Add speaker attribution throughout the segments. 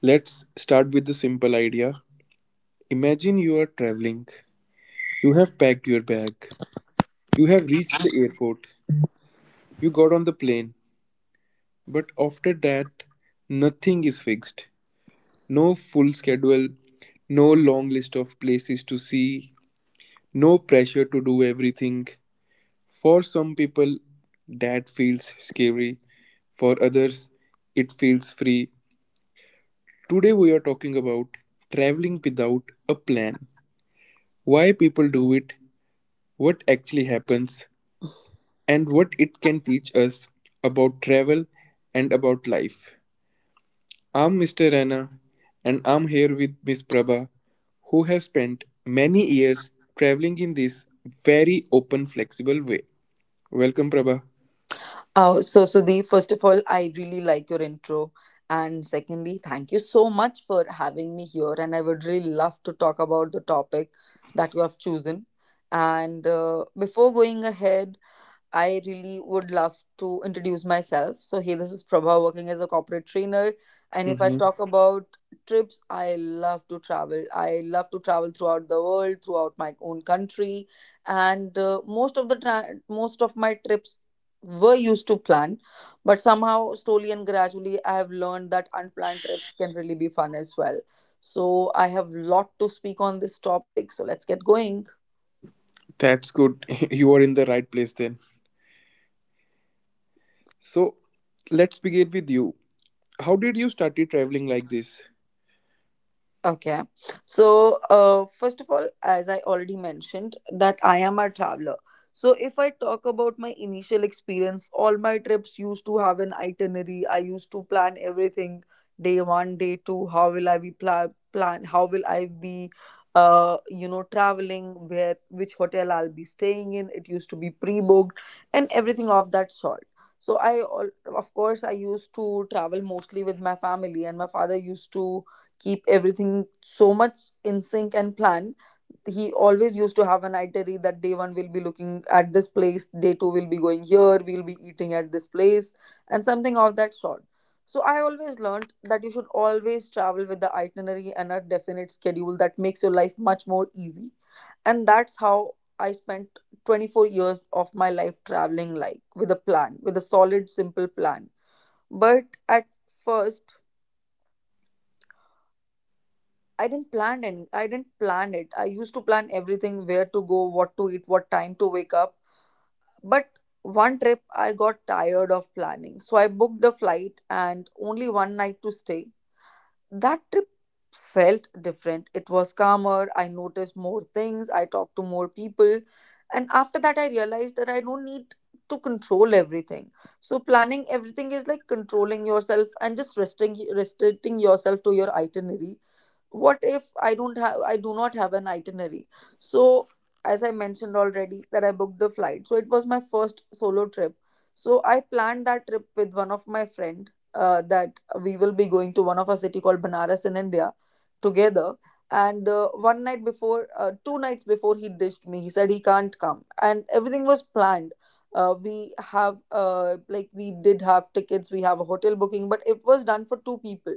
Speaker 1: Let's start with the simple idea. Imagine you are traveling. You have packed your bag. You have reached the airport. You got on the plane. But after that, nothing is fixed. No full schedule, no long list of places to see, no pressure to do everything. For some people, that feels scary. For others, it feels free. Today, we are talking about traveling without a plan. Why people do it, what actually happens, and what it can teach us about travel and about life. I'm Mr. Rana, and I'm here with Miss Prabha, who have spent many years traveling in this very open, flexible way. Welcome, Prabha.
Speaker 2: Oh, so Sudeep, first of all, I really like your intro. And secondly, thank you so much for having me here. And I would really love to talk about the topic that you have chosen. And Before going ahead, I really would love to introduce myself. So, hey, this is Prabha working as a corporate trainer. And if I
Speaker 1: Hmm.
Speaker 2: talk about trips, I love to travel. I love to travel throughout the world, throughout my own country. And Most of my trips were used to plan, but somehow slowly and gradually I have learned that unplanned trips can really be fun as well. So I have lot to speak on this topic. So let's get going.
Speaker 1: That's good. You are in the right place then. So, let's begin with you. How did you started traveling like this?
Speaker 2: Okay. So, first of all, as I already mentioned, that I am a traveler. So, if I talk about my initial experience, all my trips used to have an itinerary. I used to plan everything day one, day two. How will I be pla- plan? How will I be, you know, traveling? Where, which hotel I'll be staying in? It used to be pre-booked and everything of that sort. So, of course, I used to travel mostly with my family, and my father used to keep everything so much in sync and plan. He always used to have an itinerary that day one will be looking at this place, day two will be going here, we'll be eating at this place, and something of that sort. So I always learned that you should always travel with the itinerary and a definite schedule that makes your life much more easy. And that's how I spent 24 years of my life traveling like with a plan, with a solid, simple plan. But at first, I didn't plan any. I didn't plan it. I used to plan everything: where to go, what to eat, what time to wake up. But one trip, I got tired of planning, so I booked a flight and only one night to stay. That trip felt different. It was calmer. I noticed more things. I talked to more people, and after that, I realized that I don't need to control everything. So planning everything is like controlling yourself and just restricting yourself to your itinerary. What if I do not have an itinerary? So as I mentioned already, that I booked the flight, so it was my first solo trip. So I planned that trip with one of my friend, that we will be going to one of a city called Banaras in India together. And one night before Two nights before he ditched me. He said he can't come and everything was planned. We have Like, we did have tickets, we have a hotel booking, but it was done for two people.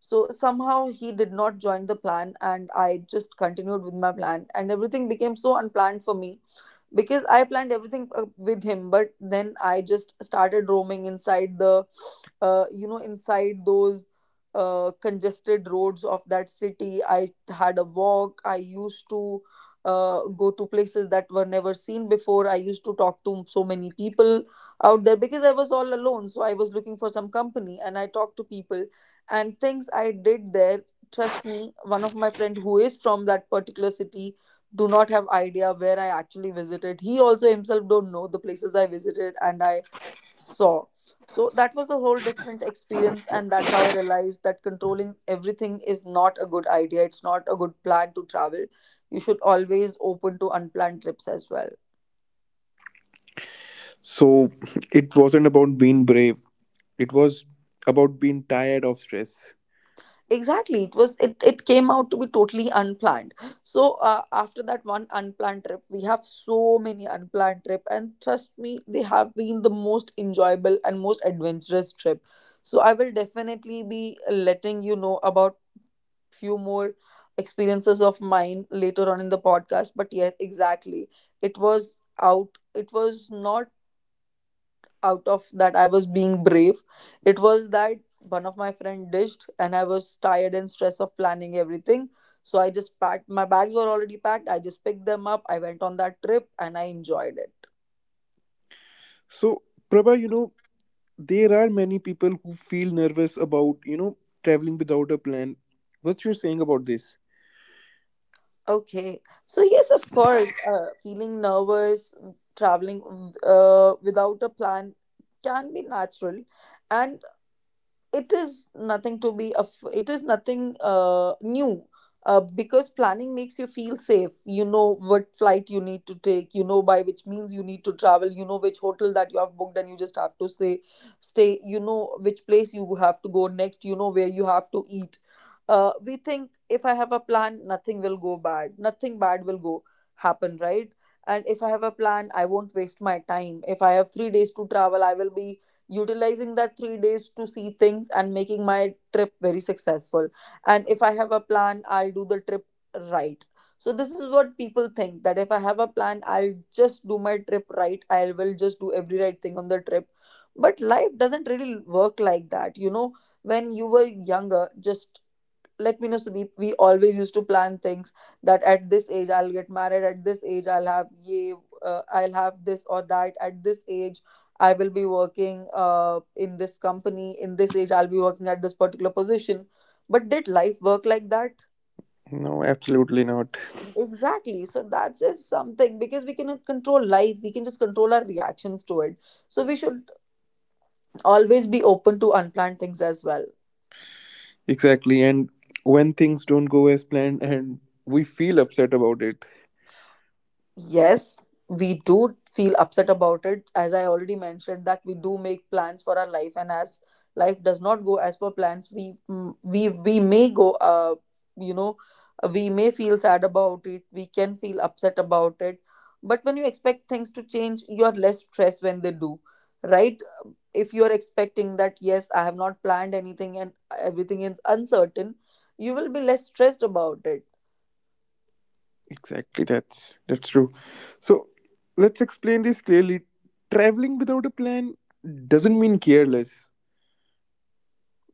Speaker 2: So somehow he did not join the plan, and I just continued with my plan, and everything became so unplanned for me because I planned everything with him, but then I just started roaming inside inside those congested roads of that city. I had a walk. I used to go to places that were never seen before. I used to talk to so many people out there because I was all alone. So I was looking for some company, and I talked to people and things I did there, trust me, one of my friend who is from that particular city do not have idea where I actually visited. He also himself don't know the places I visited and I saw. So that was a whole different experience and that's how I realized that controlling everything is not a good idea. It's not a good plan to travel. You should always open to unplanned trips as well.
Speaker 1: So, it wasn't about being brave. It was about being tired of stress.
Speaker 2: Exactly. It, it came out to be totally unplanned. So after that one unplanned trip, we have so many unplanned trip, and trust me, they have been the most enjoyable and most adventurous trip. So I will definitely be letting you know about few more experiences of mine later on in the podcast. But yes, exactly, it was not out of that I was being brave. It was that one of my friend dished and I was tired and stressed of planning everything. So I just packed my bags were already packed. I just picked them up. I went on that trip and I enjoyed it.
Speaker 1: So, Prabha, there are many people who feel nervous about, traveling without a plan. What's your saying about this?
Speaker 2: Okay. So yes, of course, feeling nervous traveling without a plan can be natural, and it is nothing new, because planning makes you feel safe. You know what flight you need to take, you know by which means you need to travel, you know which hotel that you have booked, and you just have to say stay. You know which place you have to go next, you know where you have to eat. We think if I have a plan, nothing will go bad, nothing bad will go happen, right? And if I have a plan, I won't waste my time. If I have 3 days to travel, I will be utilizing that 3 days to see things and making my trip very successful. And if I have a plan, I'll do the trip right. So this is what people think, that if I have a plan, I'll just do my trip right. I will just do every right thing on the trip. But life doesn't really work like that. You know, when you were younger, just let me know, Sudeep, we always used to plan things, that at this age I'll get married, at this age I'll have this or that, at this age I will be working in this company, in this age I'll be working at this particular position. But did life work like that?
Speaker 1: No, absolutely not.
Speaker 2: Exactly. So that's just something, because we cannot control life, we can just control our reactions to it. So we should always be open to unplanned things as well.
Speaker 1: Exactly. And when things don't go as planned and we feel upset about it.
Speaker 2: Yes, we do feel upset about it. As I already mentioned, that we do make plans for our life, and as life does not go as per plans, we we may go. You know, we may feel sad about it. We can feel upset about it. But when you expect things to change, you're less stressed when they do, right? If you're expecting that, yes, I have not planned anything and everything is uncertain, you will be less stressed about it.
Speaker 1: Exactly, that's true. So, let's explain this clearly. Traveling without a plan doesn't mean careless.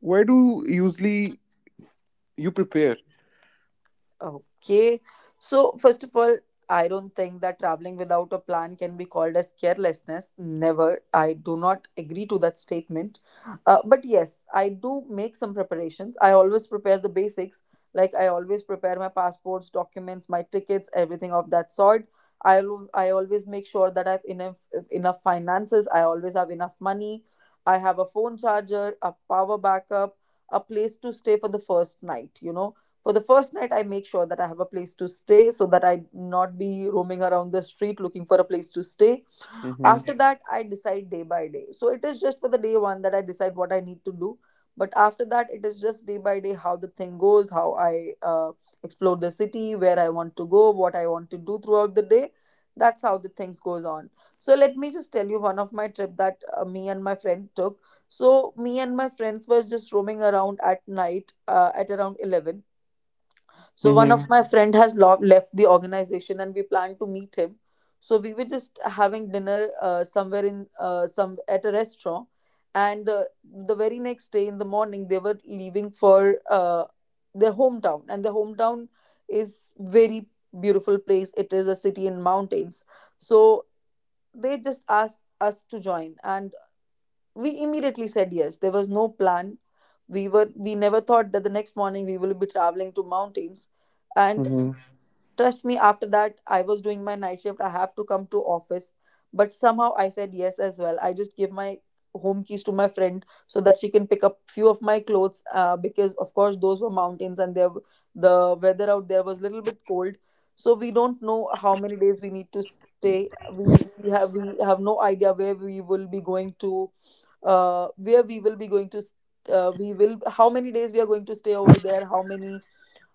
Speaker 1: Why do usually you prepare?
Speaker 2: Okay. So, first of all, I don't think that traveling without a plan can be called as carelessness. Never. I do not agree to that statement. But yes, I do make some preparations. I always prepare the basics. Like, I always prepare my passports, documents, my tickets, everything of that sort. I always make sure that I have enough finances. I always have enough money. I have a phone charger, a power backup, a place to stay for the first night, for the first night, I make sure that I have a place to stay so that I not be roaming around the street looking for a place to stay.
Speaker 1: Mhm.
Speaker 2: After that, I decide day by day. So it is just for the day one that I decide what I need to do. But after that, it is just day by day how the thing goes, how I explore the city, where I want to go, what I want to do throughout the day. That's how the things goes on. So let me just tell you one of my trip that me and my friend took. So me and my friends was just roaming around at night at around 11, so one of
Speaker 1: Mhm.
Speaker 2: my friend has left the organization, and we planned to meet him. So we were just having dinner some at a restaurant, and the very next day in the morning they were leaving for their hometown, and their hometown is very beautiful place. It is a city in mountains, so they just asked us to join, and we immediately said yes. There was no plan. We never thought that the next morning we will be traveling to mountains, and trust me, after that, I was doing my night shift. I have to come to office. But somehow I said yes as well. I just give my home keys to my friend so that she can pick up few of my clothes, because of course those were mountains, and there the weather out there was a little bit cold, so we don't know how many days we need to stay. We have no idea where we will be going to, where we will be going to st- we will how many days we are going to stay over there, how many,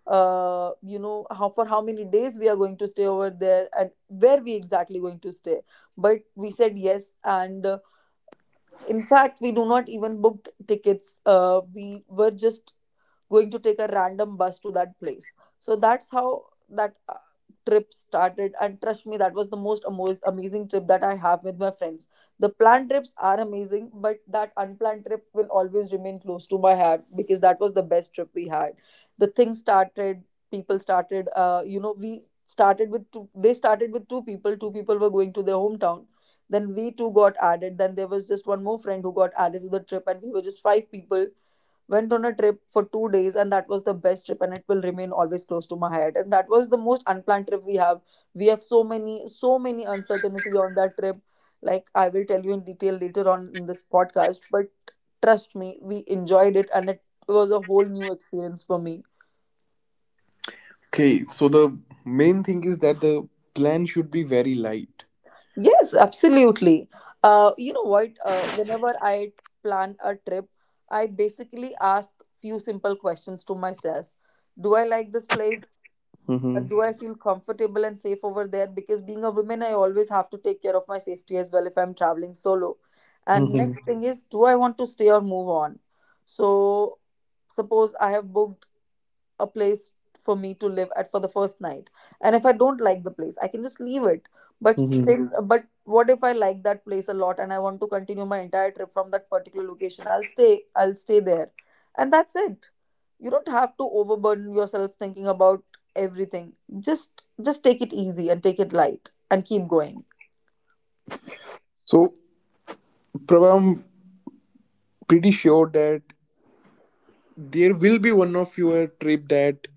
Speaker 2: how for how many days we are going to stay over there, and where we exactly going to stay. But we said yes, and in fact, we do not even booked tickets. We were just going to take a random bus to that place. So that's how that trip started. And trust me, that was the most amazing trip that I have with my friends. The planned trips are amazing, but that unplanned trip will always remain close to my heart because that was the best trip we had. The thing started, people started, we started with two, they started with two people. Two people were going to their hometown, then we two got added, then there was just one more friend who got added to the trip, and we were just five people, went on a trip for 2 days. And that was the best trip, and it will remain always close to my head, and that was the most unplanned trip we have. We have so many uncertainty on that trip. Like, I will tell you in detail later on in this podcast, but trust me, we enjoyed it, and it was a whole new experience for me.
Speaker 1: Okay, so the main thing is that the plan should be very light.
Speaker 2: Yes, absolutely. You know what? Whenever I plan a trip, I basically ask few simple questions to myself. Do I like this place?
Speaker 1: Mm-hmm.
Speaker 2: Do I feel comfortable and safe over there? Because being a woman, I always have to take care of my safety as well if I'm traveling solo. And
Speaker 1: Mm-hmm.
Speaker 2: next, Mhm, thing is, do I want to stay or move on? So, suppose I have booked a place for me to live at for the first night, and if I don't like the place, I can just leave it. But
Speaker 1: Mm-hmm.
Speaker 2: since, Mhm, but what if I like that place a lot and I want to continue my entire trip from that particular location? I'll stay. I'll stay there, and that's it. You don't have to overburden yourself thinking about everything. Just take it easy, and take it light, and keep going.
Speaker 1: So, Prabha, I'm pretty sure that there will be one of your trip that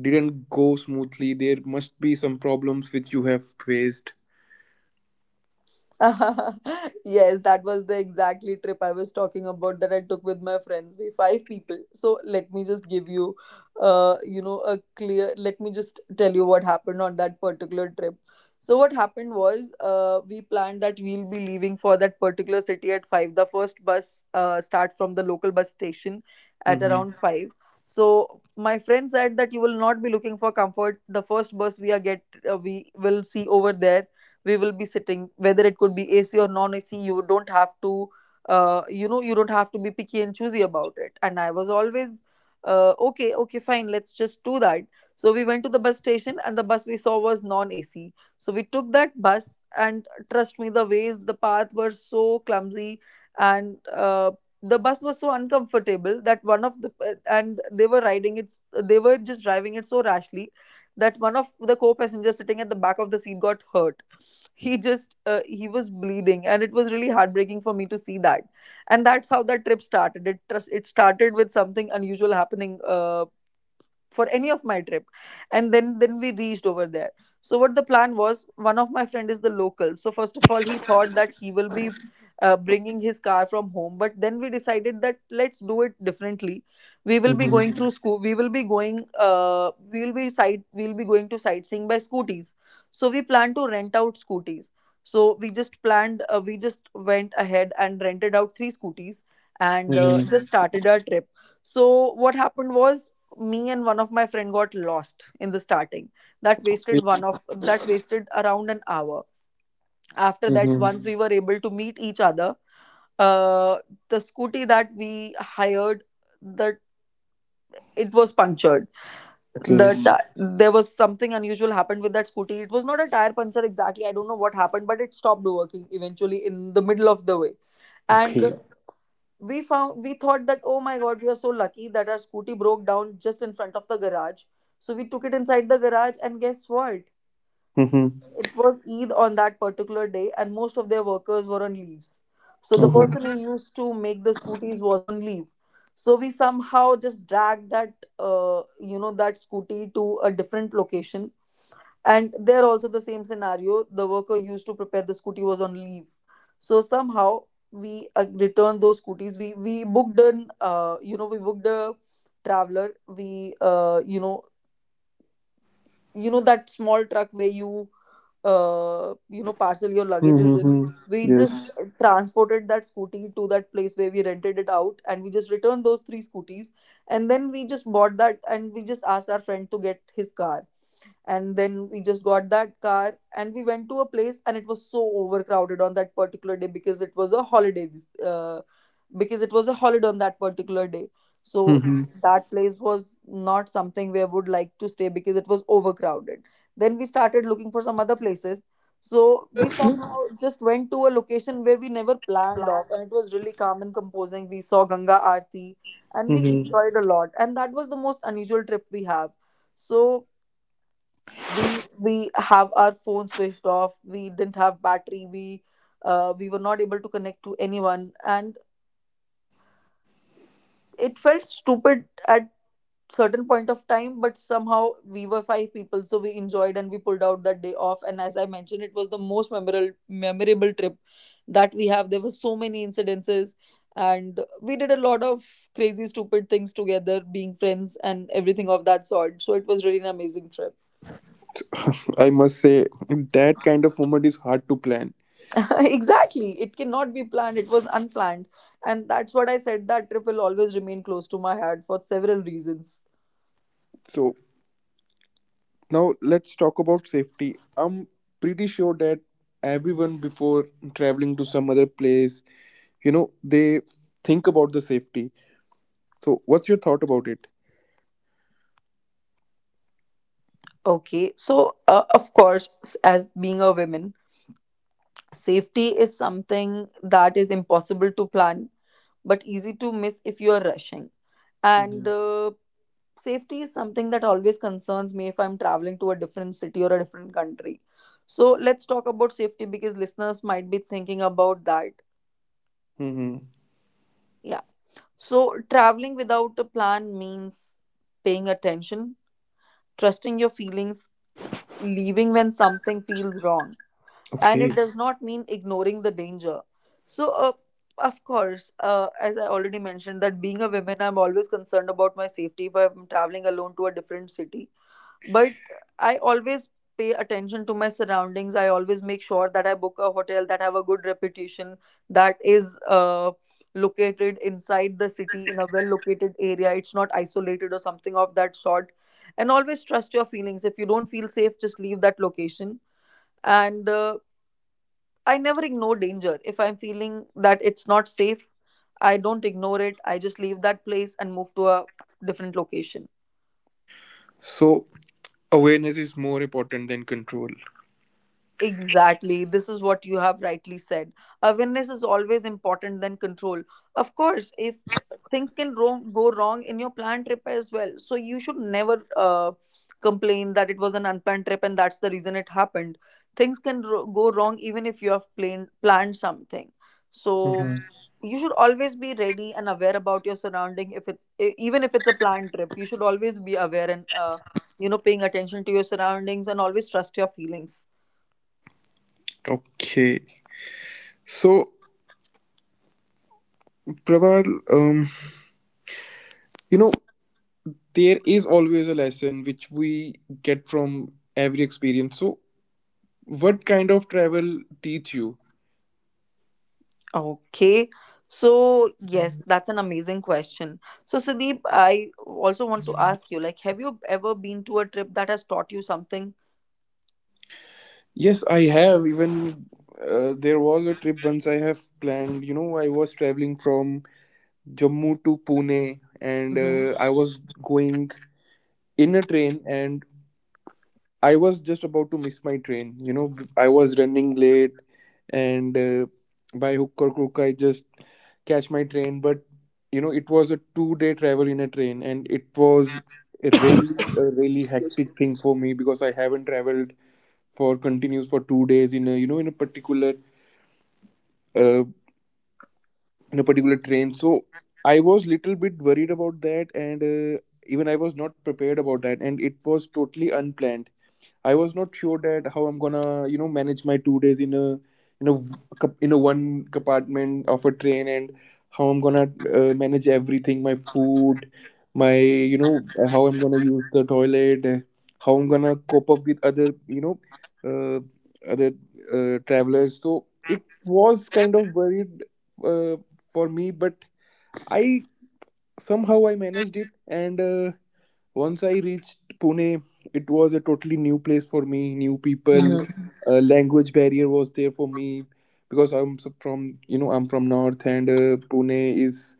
Speaker 1: didn't go smoothly. There must be some problems which you have faced.
Speaker 2: Yes, that was the exactly trip I was talking about that I took with my friends. We five people. So let me just give you, a clear. Let me just tell you what happened on that particular trip. So what happened was, we planned that we'll be leaving for that particular city at five. The first bus, start from the local bus station at
Speaker 1: Mm-hmm.
Speaker 2: around five. So my friend said that you will not be looking for comfort. The first bus we are get We will see over there, we will be sitting, whether it could be ac or non ac. You don't have to, you don't have to be picky and choosy about it. And I was always, okay, okay, fine, let's just do that. So we went to the bus station, and the bus we saw was non ac, so we took that bus. And trust me, the ways, the path were so clumsy. And the bus was so uncomfortable that one of the, and they were riding it, they were just driving it so rashly, that one of the co-passengers sitting at the back of the seat got hurt. He just, he was bleeding, and it was really heartbreaking for me to see that. And that's how that trip started. It, trust, it started with something unusual happening, for any of my trip. And then we reached over there. So what the plan was, one of my friend is the local, so first of all, he thought that he will be bringing his car from home. But then we decided that let's do it differently. We will be
Speaker 1: Mm-hmm.
Speaker 2: going, Mhm, through school, we will be going, we'll be going to sightseeing by scooties. So we plan to rent out scooties. So we just planned, we just went ahead and rented out three scooties. And
Speaker 1: Mm-hmm.
Speaker 2: just, Mhm, started our trip. So what happened was, me and one of my friend got lost in the starting. That wasted around an hour. After that,
Speaker 1: Mm-hmm.
Speaker 2: once we were able to meet each other, uh the scooty that we hired, that, it was punctured. The
Speaker 1: Okay.
Speaker 2: there was something unusual happened with that scooty. It was not a tire puncture exactly. I don't know what happened, but it stopped working eventually in the middle of the way. And
Speaker 1: Okay.
Speaker 2: we found, we thought that, oh my god, we are so lucky that our scooty broke down just in front of the garage. So we took it inside the garage, and guess what?
Speaker 1: Mm-hmm.
Speaker 2: It was eid on that particular day, and most of their workers were on leaves. So the person who
Speaker 1: Okay.
Speaker 2: used to make the scooties was on leave. So we somehow just dragged that, that scooty to a different location. And there also, the same scenario, the worker used to prepare the scooty was on leave. So somehow we, returned those scooties. We booked an you know we booked a traveler. We you know that small truck where you, you know parcel your luggages in.
Speaker 1: Mm-hmm.
Speaker 2: We just,
Speaker 1: Yes.
Speaker 2: transported that scooty to that place where we rented it out, and we just returned those three scooties. And then we just bought that, and we just asked our friend to get his car. And then we just got that car, and we went to a place, and it was so overcrowded on that particular day because it was a holiday, because it was a holiday on that particular day. So,
Speaker 1: Mm-hmm.
Speaker 2: Mhm, that place was not something where I would like to stay because it was overcrowded. Then we started looking for some other places. So we somehow just went to a location where we never planned off, and it was really calm and composing. We saw ganga aarti, and we
Speaker 1: Mm-hmm.
Speaker 2: enjoyed a lot, and that was the most unusual trip we have. So we have our phone switched off, we didn't have battery. We were not able to connect to anyone, and it felt stupid at certain point of time. But somehow we were five people, so we enjoyed and we pulled out that day off. And as I mentioned, it was the most memorable trip that we have. There were so many incidences, and we did a lot of crazy stupid things together, being friends and everything of that sort. So it was really an amazing trip.
Speaker 1: I must say that kind of moment is hard to plan.
Speaker 2: Exactly, it cannot be planned, it was unplanned. And that's what I said, that trip will always remain close to my heart for several reasons.
Speaker 1: So, now let's talk about safety. I'm pretty sure that everyone before traveling to some other place, they think about the safety. So, what's your thought about it?
Speaker 2: Okay, so, of course, as being a woman, safety is something that is impossible to plan, but easy to miss if you are rushing. and
Speaker 1: Mm-hmm.
Speaker 2: uh, safety is something that always concerns me if I'm traveling to a different city or a different country. So let's talk about safety because listeners might be thinking about that.
Speaker 1: Mm-hmm.
Speaker 2: Yeah. So, traveling without a plan means paying attention, trusting your feelings, leaving when something feels wrong, and
Speaker 1: Okay.
Speaker 2: it does not mean ignoring the danger. So, of course, as I already mentioned, that being a woman, I'm always concerned about my safety if I'm traveling alone to a different city. But I always pay attention to my surroundings. I always make sure that I book a hotel that have a good reputation, that is, uh, located inside the city in a well located area. It's not isolated or something of that sort. And always trust your feelings. If you don't feel safe, just leave that location. And I never ignore danger. If I'm feeling that it's not safe, I don't ignore it. I just leave that place and move to a different location.
Speaker 1: So, awareness is more important than control.
Speaker 2: Exactly. This is what you have rightly said. Awareness is always important than control. Of course, if things can go wrong in your planned trip as well, so you should never, complain that it was an unplanned trip and that's the reason it happened. Things can go wrong even if you have planned something. So
Speaker 1: Mm-hmm.
Speaker 2: you should always be ready and aware about your surrounding. If it's even if it's a planned trip, you should always be aware, and you know, paying attention to your surroundings and always trust your feelings.
Speaker 1: Okay. So, Prabal, um, you know, there is always a lesson which we get from every experience. So, what kind of travel teach you?
Speaker 2: Okay. So, yes, that's an amazing question. So, Sudeep, I also want to ask you, like, have you ever been to a trip that has taught you something?
Speaker 1: Yes, I have. Even there was a trip once I have planned. You know, I was traveling from Jammu to Pune and I was going in a train, and I was just about to miss my train. You know, I was running late, and by hook or crook, I just catch my train. But it was a 2-day travel in a train, and it was a really, a really hectic thing for me because I haven't traveled for continuous for 2 days in a in a particular uh, train. So I was little bit worried about that, and even I was not prepared about that, and it was totally unplanned. I was not sure that how I'm gonna manage my 2 days in a in a v- one compartment of a train, and how I'm gonna manage everything, my food, my how I'm gonna use the toilet, how I'm gonna cope up with other you know uh, other travelers. So it was kind of worried uh, for me, but I somehow I managed it, and once I reached Pune, it was a totally new place for me, new people.
Speaker 2: Mm-hmm.
Speaker 1: A language barrier was there for me because from, I'm from north, and Pune is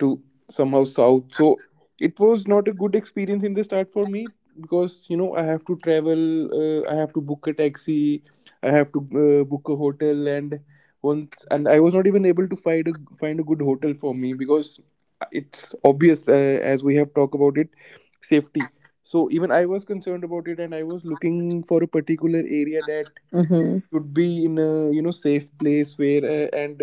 Speaker 1: to somehow south. So it was not a good experience in the start for me because, I have to travel, I have to book a taxi, I have to book a hotel, and once and I was not even able to find a good hotel for me because it's obvious, as we have talked about it, safety. So even I was concerned about it, and I was looking for a particular area that
Speaker 2: Mm-hmm.
Speaker 1: should be in a safe place, where and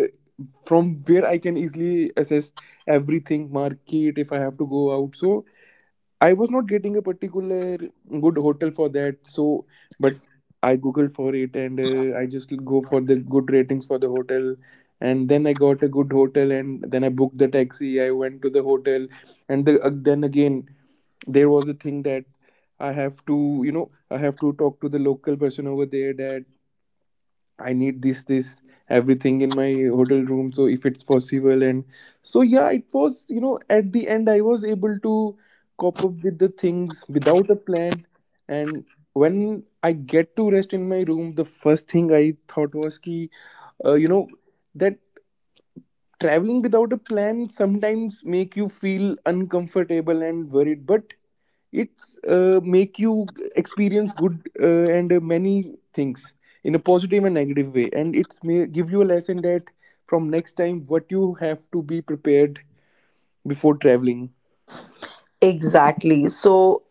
Speaker 1: from where I can easily assess everything, market, if I have to go out. So I was not getting a particular good hotel for that. So but I googled for it, and I just go for the good ratings for the hotel. And then I got a good hotel, and then I booked the taxi. I went to the hotel, and then again there was a thing that I have to talk to the local person over there that I need this, this, everything in my hotel room. So if it's possible. And so, yeah, it was, at the end, I was able to cope up with the things without a plan. And when I get to rest in my room, the first thing I thought was ki, uh, you know, that traveling without a plan sometimes make you feel uncomfortable and worried. But it's make you experience good and many things in a positive and negative way, and it's may give you a lesson that from next time what you have to be prepared before traveling.
Speaker 2: Exactly. So,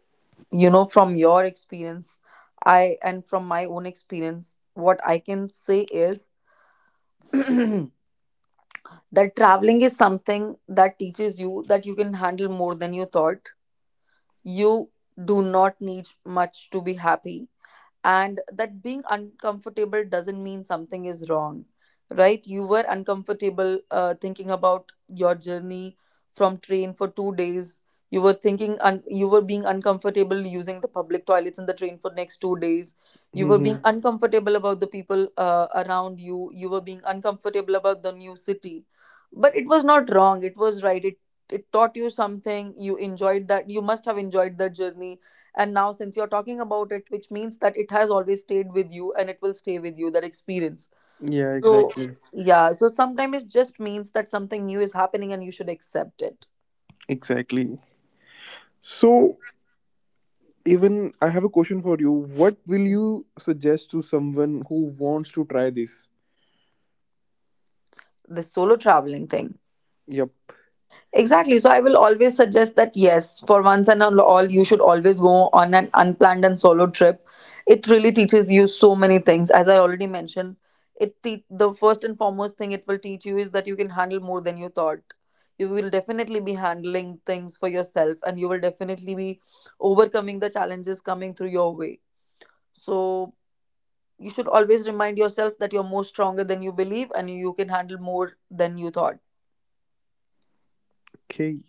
Speaker 2: from your experience, I and from my own experience, what I can say is that traveling is something that teaches you that you can handle more than you thought. You do not need much to be happy. And that being uncomfortable doesn't mean something is wrong, right? You were uncomfortable thinking about your journey from train for 2 days. You were thinking you were being uncomfortable using the public toilets in the train for next 2 days. You were being
Speaker 1: Hmm.
Speaker 2: uncomfortable about the people around You were being uncomfortable about the new city. But it was not wrong, it was right. It taught you something. You must have enjoyed that journey. And now, since you're talking about it, which means that it has always stayed with you, and it will stay with you, that experience.
Speaker 1: Yeah,
Speaker 2: So,
Speaker 1: exactly.
Speaker 2: yeah, so sometimes it just means that something new is happening, and you should accept it.
Speaker 1: Exactly. So, even I have a question for you. What will you suggest to someone who wants to try this?
Speaker 2: The solo traveling thing.
Speaker 1: Yep.
Speaker 2: Exactly. So I will always suggest that yes, for once and all, you should always go on an unplanned and solo trip. It really teaches you so many things. As I already mentioned, the first and foremost thing it will teach you is that you can handle more than you thought. You will definitely be handling things for yourself, and you will definitely be overcoming the challenges coming through your way. So you should always remind yourself that you're more stronger than you believe, and you can handle more than you thought.
Speaker 1: Okay,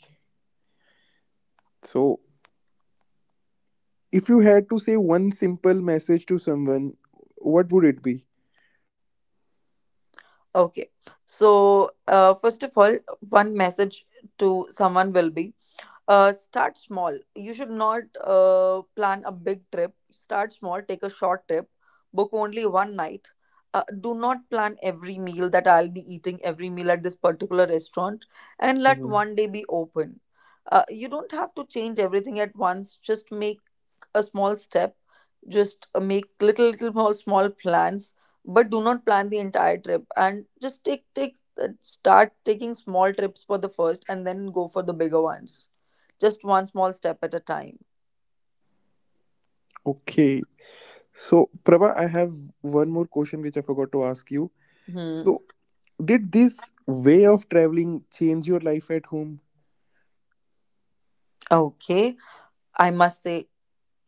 Speaker 1: so if you had to say one simple message to someone, what would it be?
Speaker 2: Okay. So, first of all, one message to someone will be start small. You should not plan a big trip. Start small, take a short trip, book only one night. Do not plan every meal, that I'll be eating every meal at this particular restaurant, and let
Speaker 1: Mhm.
Speaker 2: one day be open. You don't have to change everything at once. Just make a small step, just make little little small small plans, but do not plan the entire trip. And just take start taking small trips for the first, and then go for the bigger ones. Just one small step at a time.
Speaker 1: Okay, so, Prabha, I have one more question which I forgot to ask you.
Speaker 2: Hmm.
Speaker 1: So, did this way of traveling change your life at home?
Speaker 2: Okay, I must say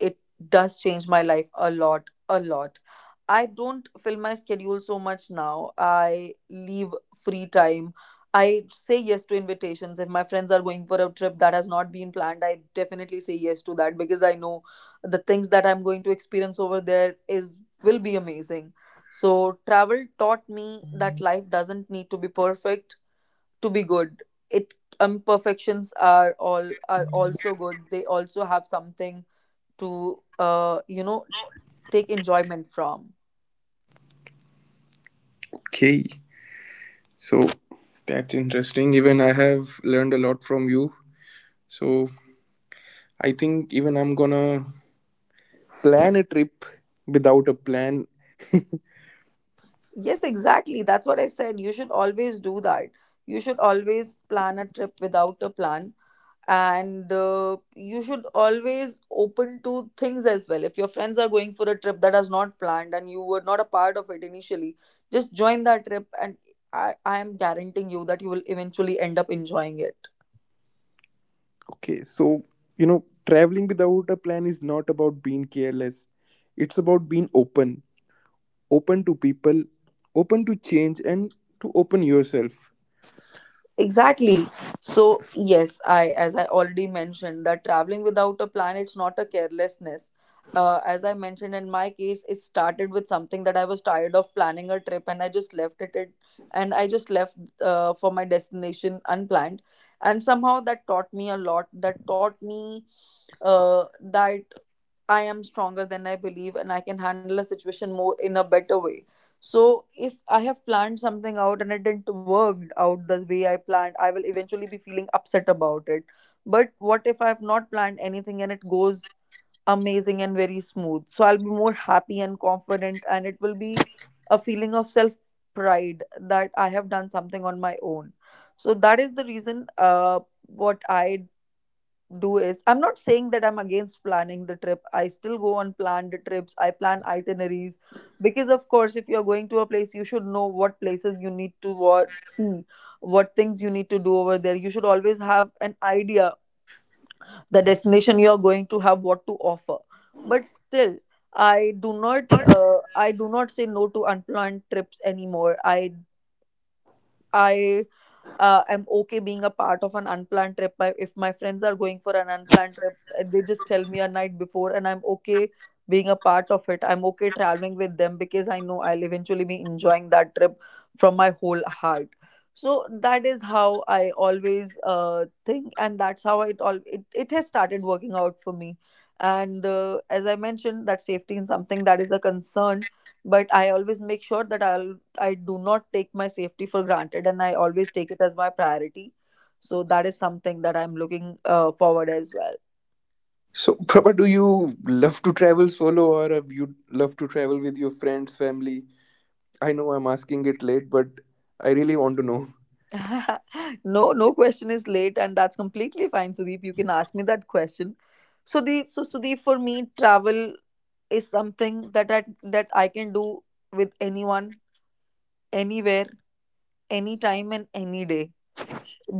Speaker 2: it does change my life a lot, a lot. I don't fill my schedule so much now. I leave free time. I say yes to invitations. If my friends are going for a trip that has not been planned, I definitely say yes to that, because I know the things that I'm going to experience over there is will be amazing. So travel taught me that life doesn't need to be perfect to be good. It Imperfections are all are also good. They also have something to take enjoyment from.
Speaker 1: Okay, so that's interesting. Even I have learned a lot from you. So, I think even I'm gonna plan a trip without a plan.
Speaker 2: Yes, exactly, that's what I said. You should always do that. You should always plan a trip without a plan. And you should always open to things as well. If your friends are going for a trip that is not planned, and you were not a part of it initially, just join that trip. And I am guaranteeing you that you will eventually end up enjoying it.
Speaker 1: Okay, so traveling without a plan is not about being careless, it's about being open, open to people, open to change, and to open yourself.
Speaker 2: Exactly. So, yes, as I already mentioned, that traveling without a plan, it's not a carelessness. As I mentioned in my case, it started with something that I was tired of planning a trip, and I just left it, and I just left for my destination unplanned. And somehow that taught me a lot. That taught me that I am stronger than I believe, and I can handle a situation more in a better way. So if I have planned something out and it didn't work out the way I planned, I will eventually be feeling upset about it. But what if I have not planned anything, and it goes amazing and very smooth? So I'll be more happy and confident, and it will be a feeling of self pride that I have done something on my own. So that is the reason, what I do is, I'm not saying that I'm against planning the trip. I still go on planned trips. I plan itineraries, because of course if you're going to a place, you should know what places you need to what see, what things you need to do over there. You should always have an idea, the destination you're going to have what to offer. But still, I do not say no to unplanned trips anymore. I I'm okay being a part of an unplanned trip. If my friends are going for an unplanned trip, they just tell me a night before, and I'm okay being a part of it. I'm okay traveling with them because I know I'll eventually be enjoying that trip from my whole heart. So that is how I always think, and that's how it has started working out for me. And as I mentioned, that safety is something that is a concern. But I always make sure that I do not take my safety for granted, and I always take it as my priority. So that is something that I'm looking forward as
Speaker 1: So, Prabha, do you love to travel solo, or you love to travel with your friends, family? I know I'm asking it late, but I really want to know.
Speaker 2: well. No, no question is late, and that's completely fine, Sudeep. You can ask me that question. So, Sudeep, for me, travel is something that I can do with anyone, anywhere, anytime, and any day.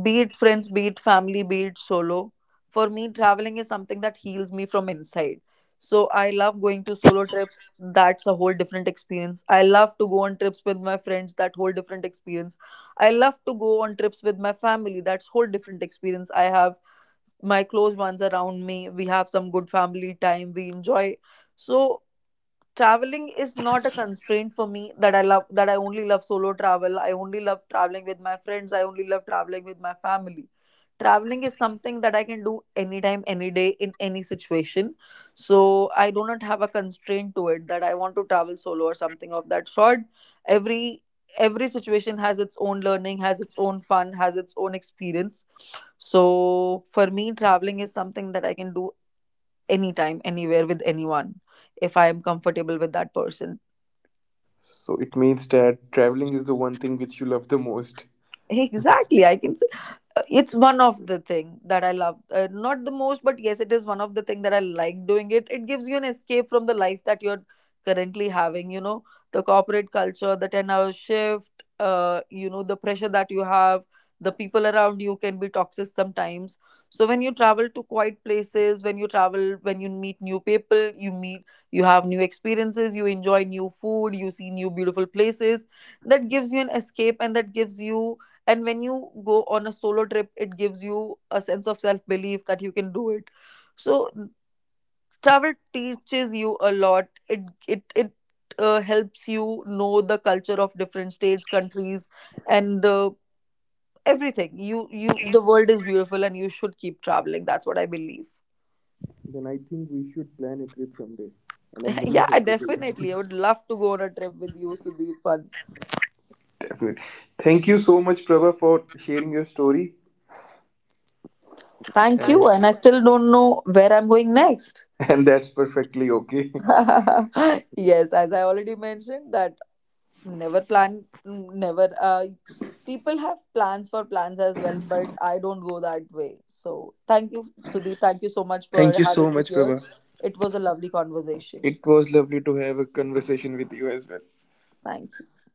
Speaker 2: Be it friends, be it family, be it solo. For me, traveling is something that heals me from inside. So I love going to solo trips. That's a whole different experience. I love to go on trips with my friends. That whole different experience. I love to go on trips with my family. That's whole different experience. I have my close ones around me. We have some good family time. We enjoy. So traveling is not a constraint for me, that I only love solo travel, I only love traveling with my friends, I only love traveling with my family. Traveling is something that I can do anytime, any day, in any situation. So I do not have a constraint to it, that I want to travel solo or something of that sort. Every every situation has its own learning, has its own fun, has its own experience. So for me, traveling is something that I can do anytime, anywhere, with anyone, if I am comfortable with that person.
Speaker 1: So, it means that traveling is the one thing which you love the most.
Speaker 2: Exactly. I can It's one of the thing that I love, not the most, but yes, it is one of the thing that I like doing. It gives you an escape from the life that you're currently having. The corporate culture, the 10-hour shift, the pressure that you have, the people around you can be toxic sometimes. So when you travel to quiet places, when you travel, when you meet new people, you have new experiences, you enjoy new food, you see new beautiful places. That gives you an escape, and when you go on a solo trip, it gives you a sense of self belief that you can do it. So travel teaches you a lot. It helps you know the culture of different states, countries. And everything, you the world is beautiful, and you should keep traveling. That's what I believe.
Speaker 1: Then I think we should plan a trip someday. And I'm
Speaker 2: Yeah,
Speaker 1: looking
Speaker 2: I
Speaker 1: forward to
Speaker 2: definitely
Speaker 1: it.
Speaker 2: I would love to go on a trip with you, Sudhir, once.
Speaker 1: Definitely. Thank you so much, Prabha, for sharing your story.
Speaker 2: Thank you,
Speaker 1: And,
Speaker 2: and I still don't know where I'm going next.
Speaker 1: and that's perfectly okay.
Speaker 2: Yes, as I already mentioned, that never plan, never people have plans for plans as well, but I don't go that way. So thank you, Sudeep, thank you so much for
Speaker 1: Thank you so
Speaker 2: having me
Speaker 1: much,
Speaker 2: here.
Speaker 1: Prabha.
Speaker 2: It was a lovely conversation.
Speaker 1: It was lovely to have a conversation with you as well.
Speaker 2: Thank you.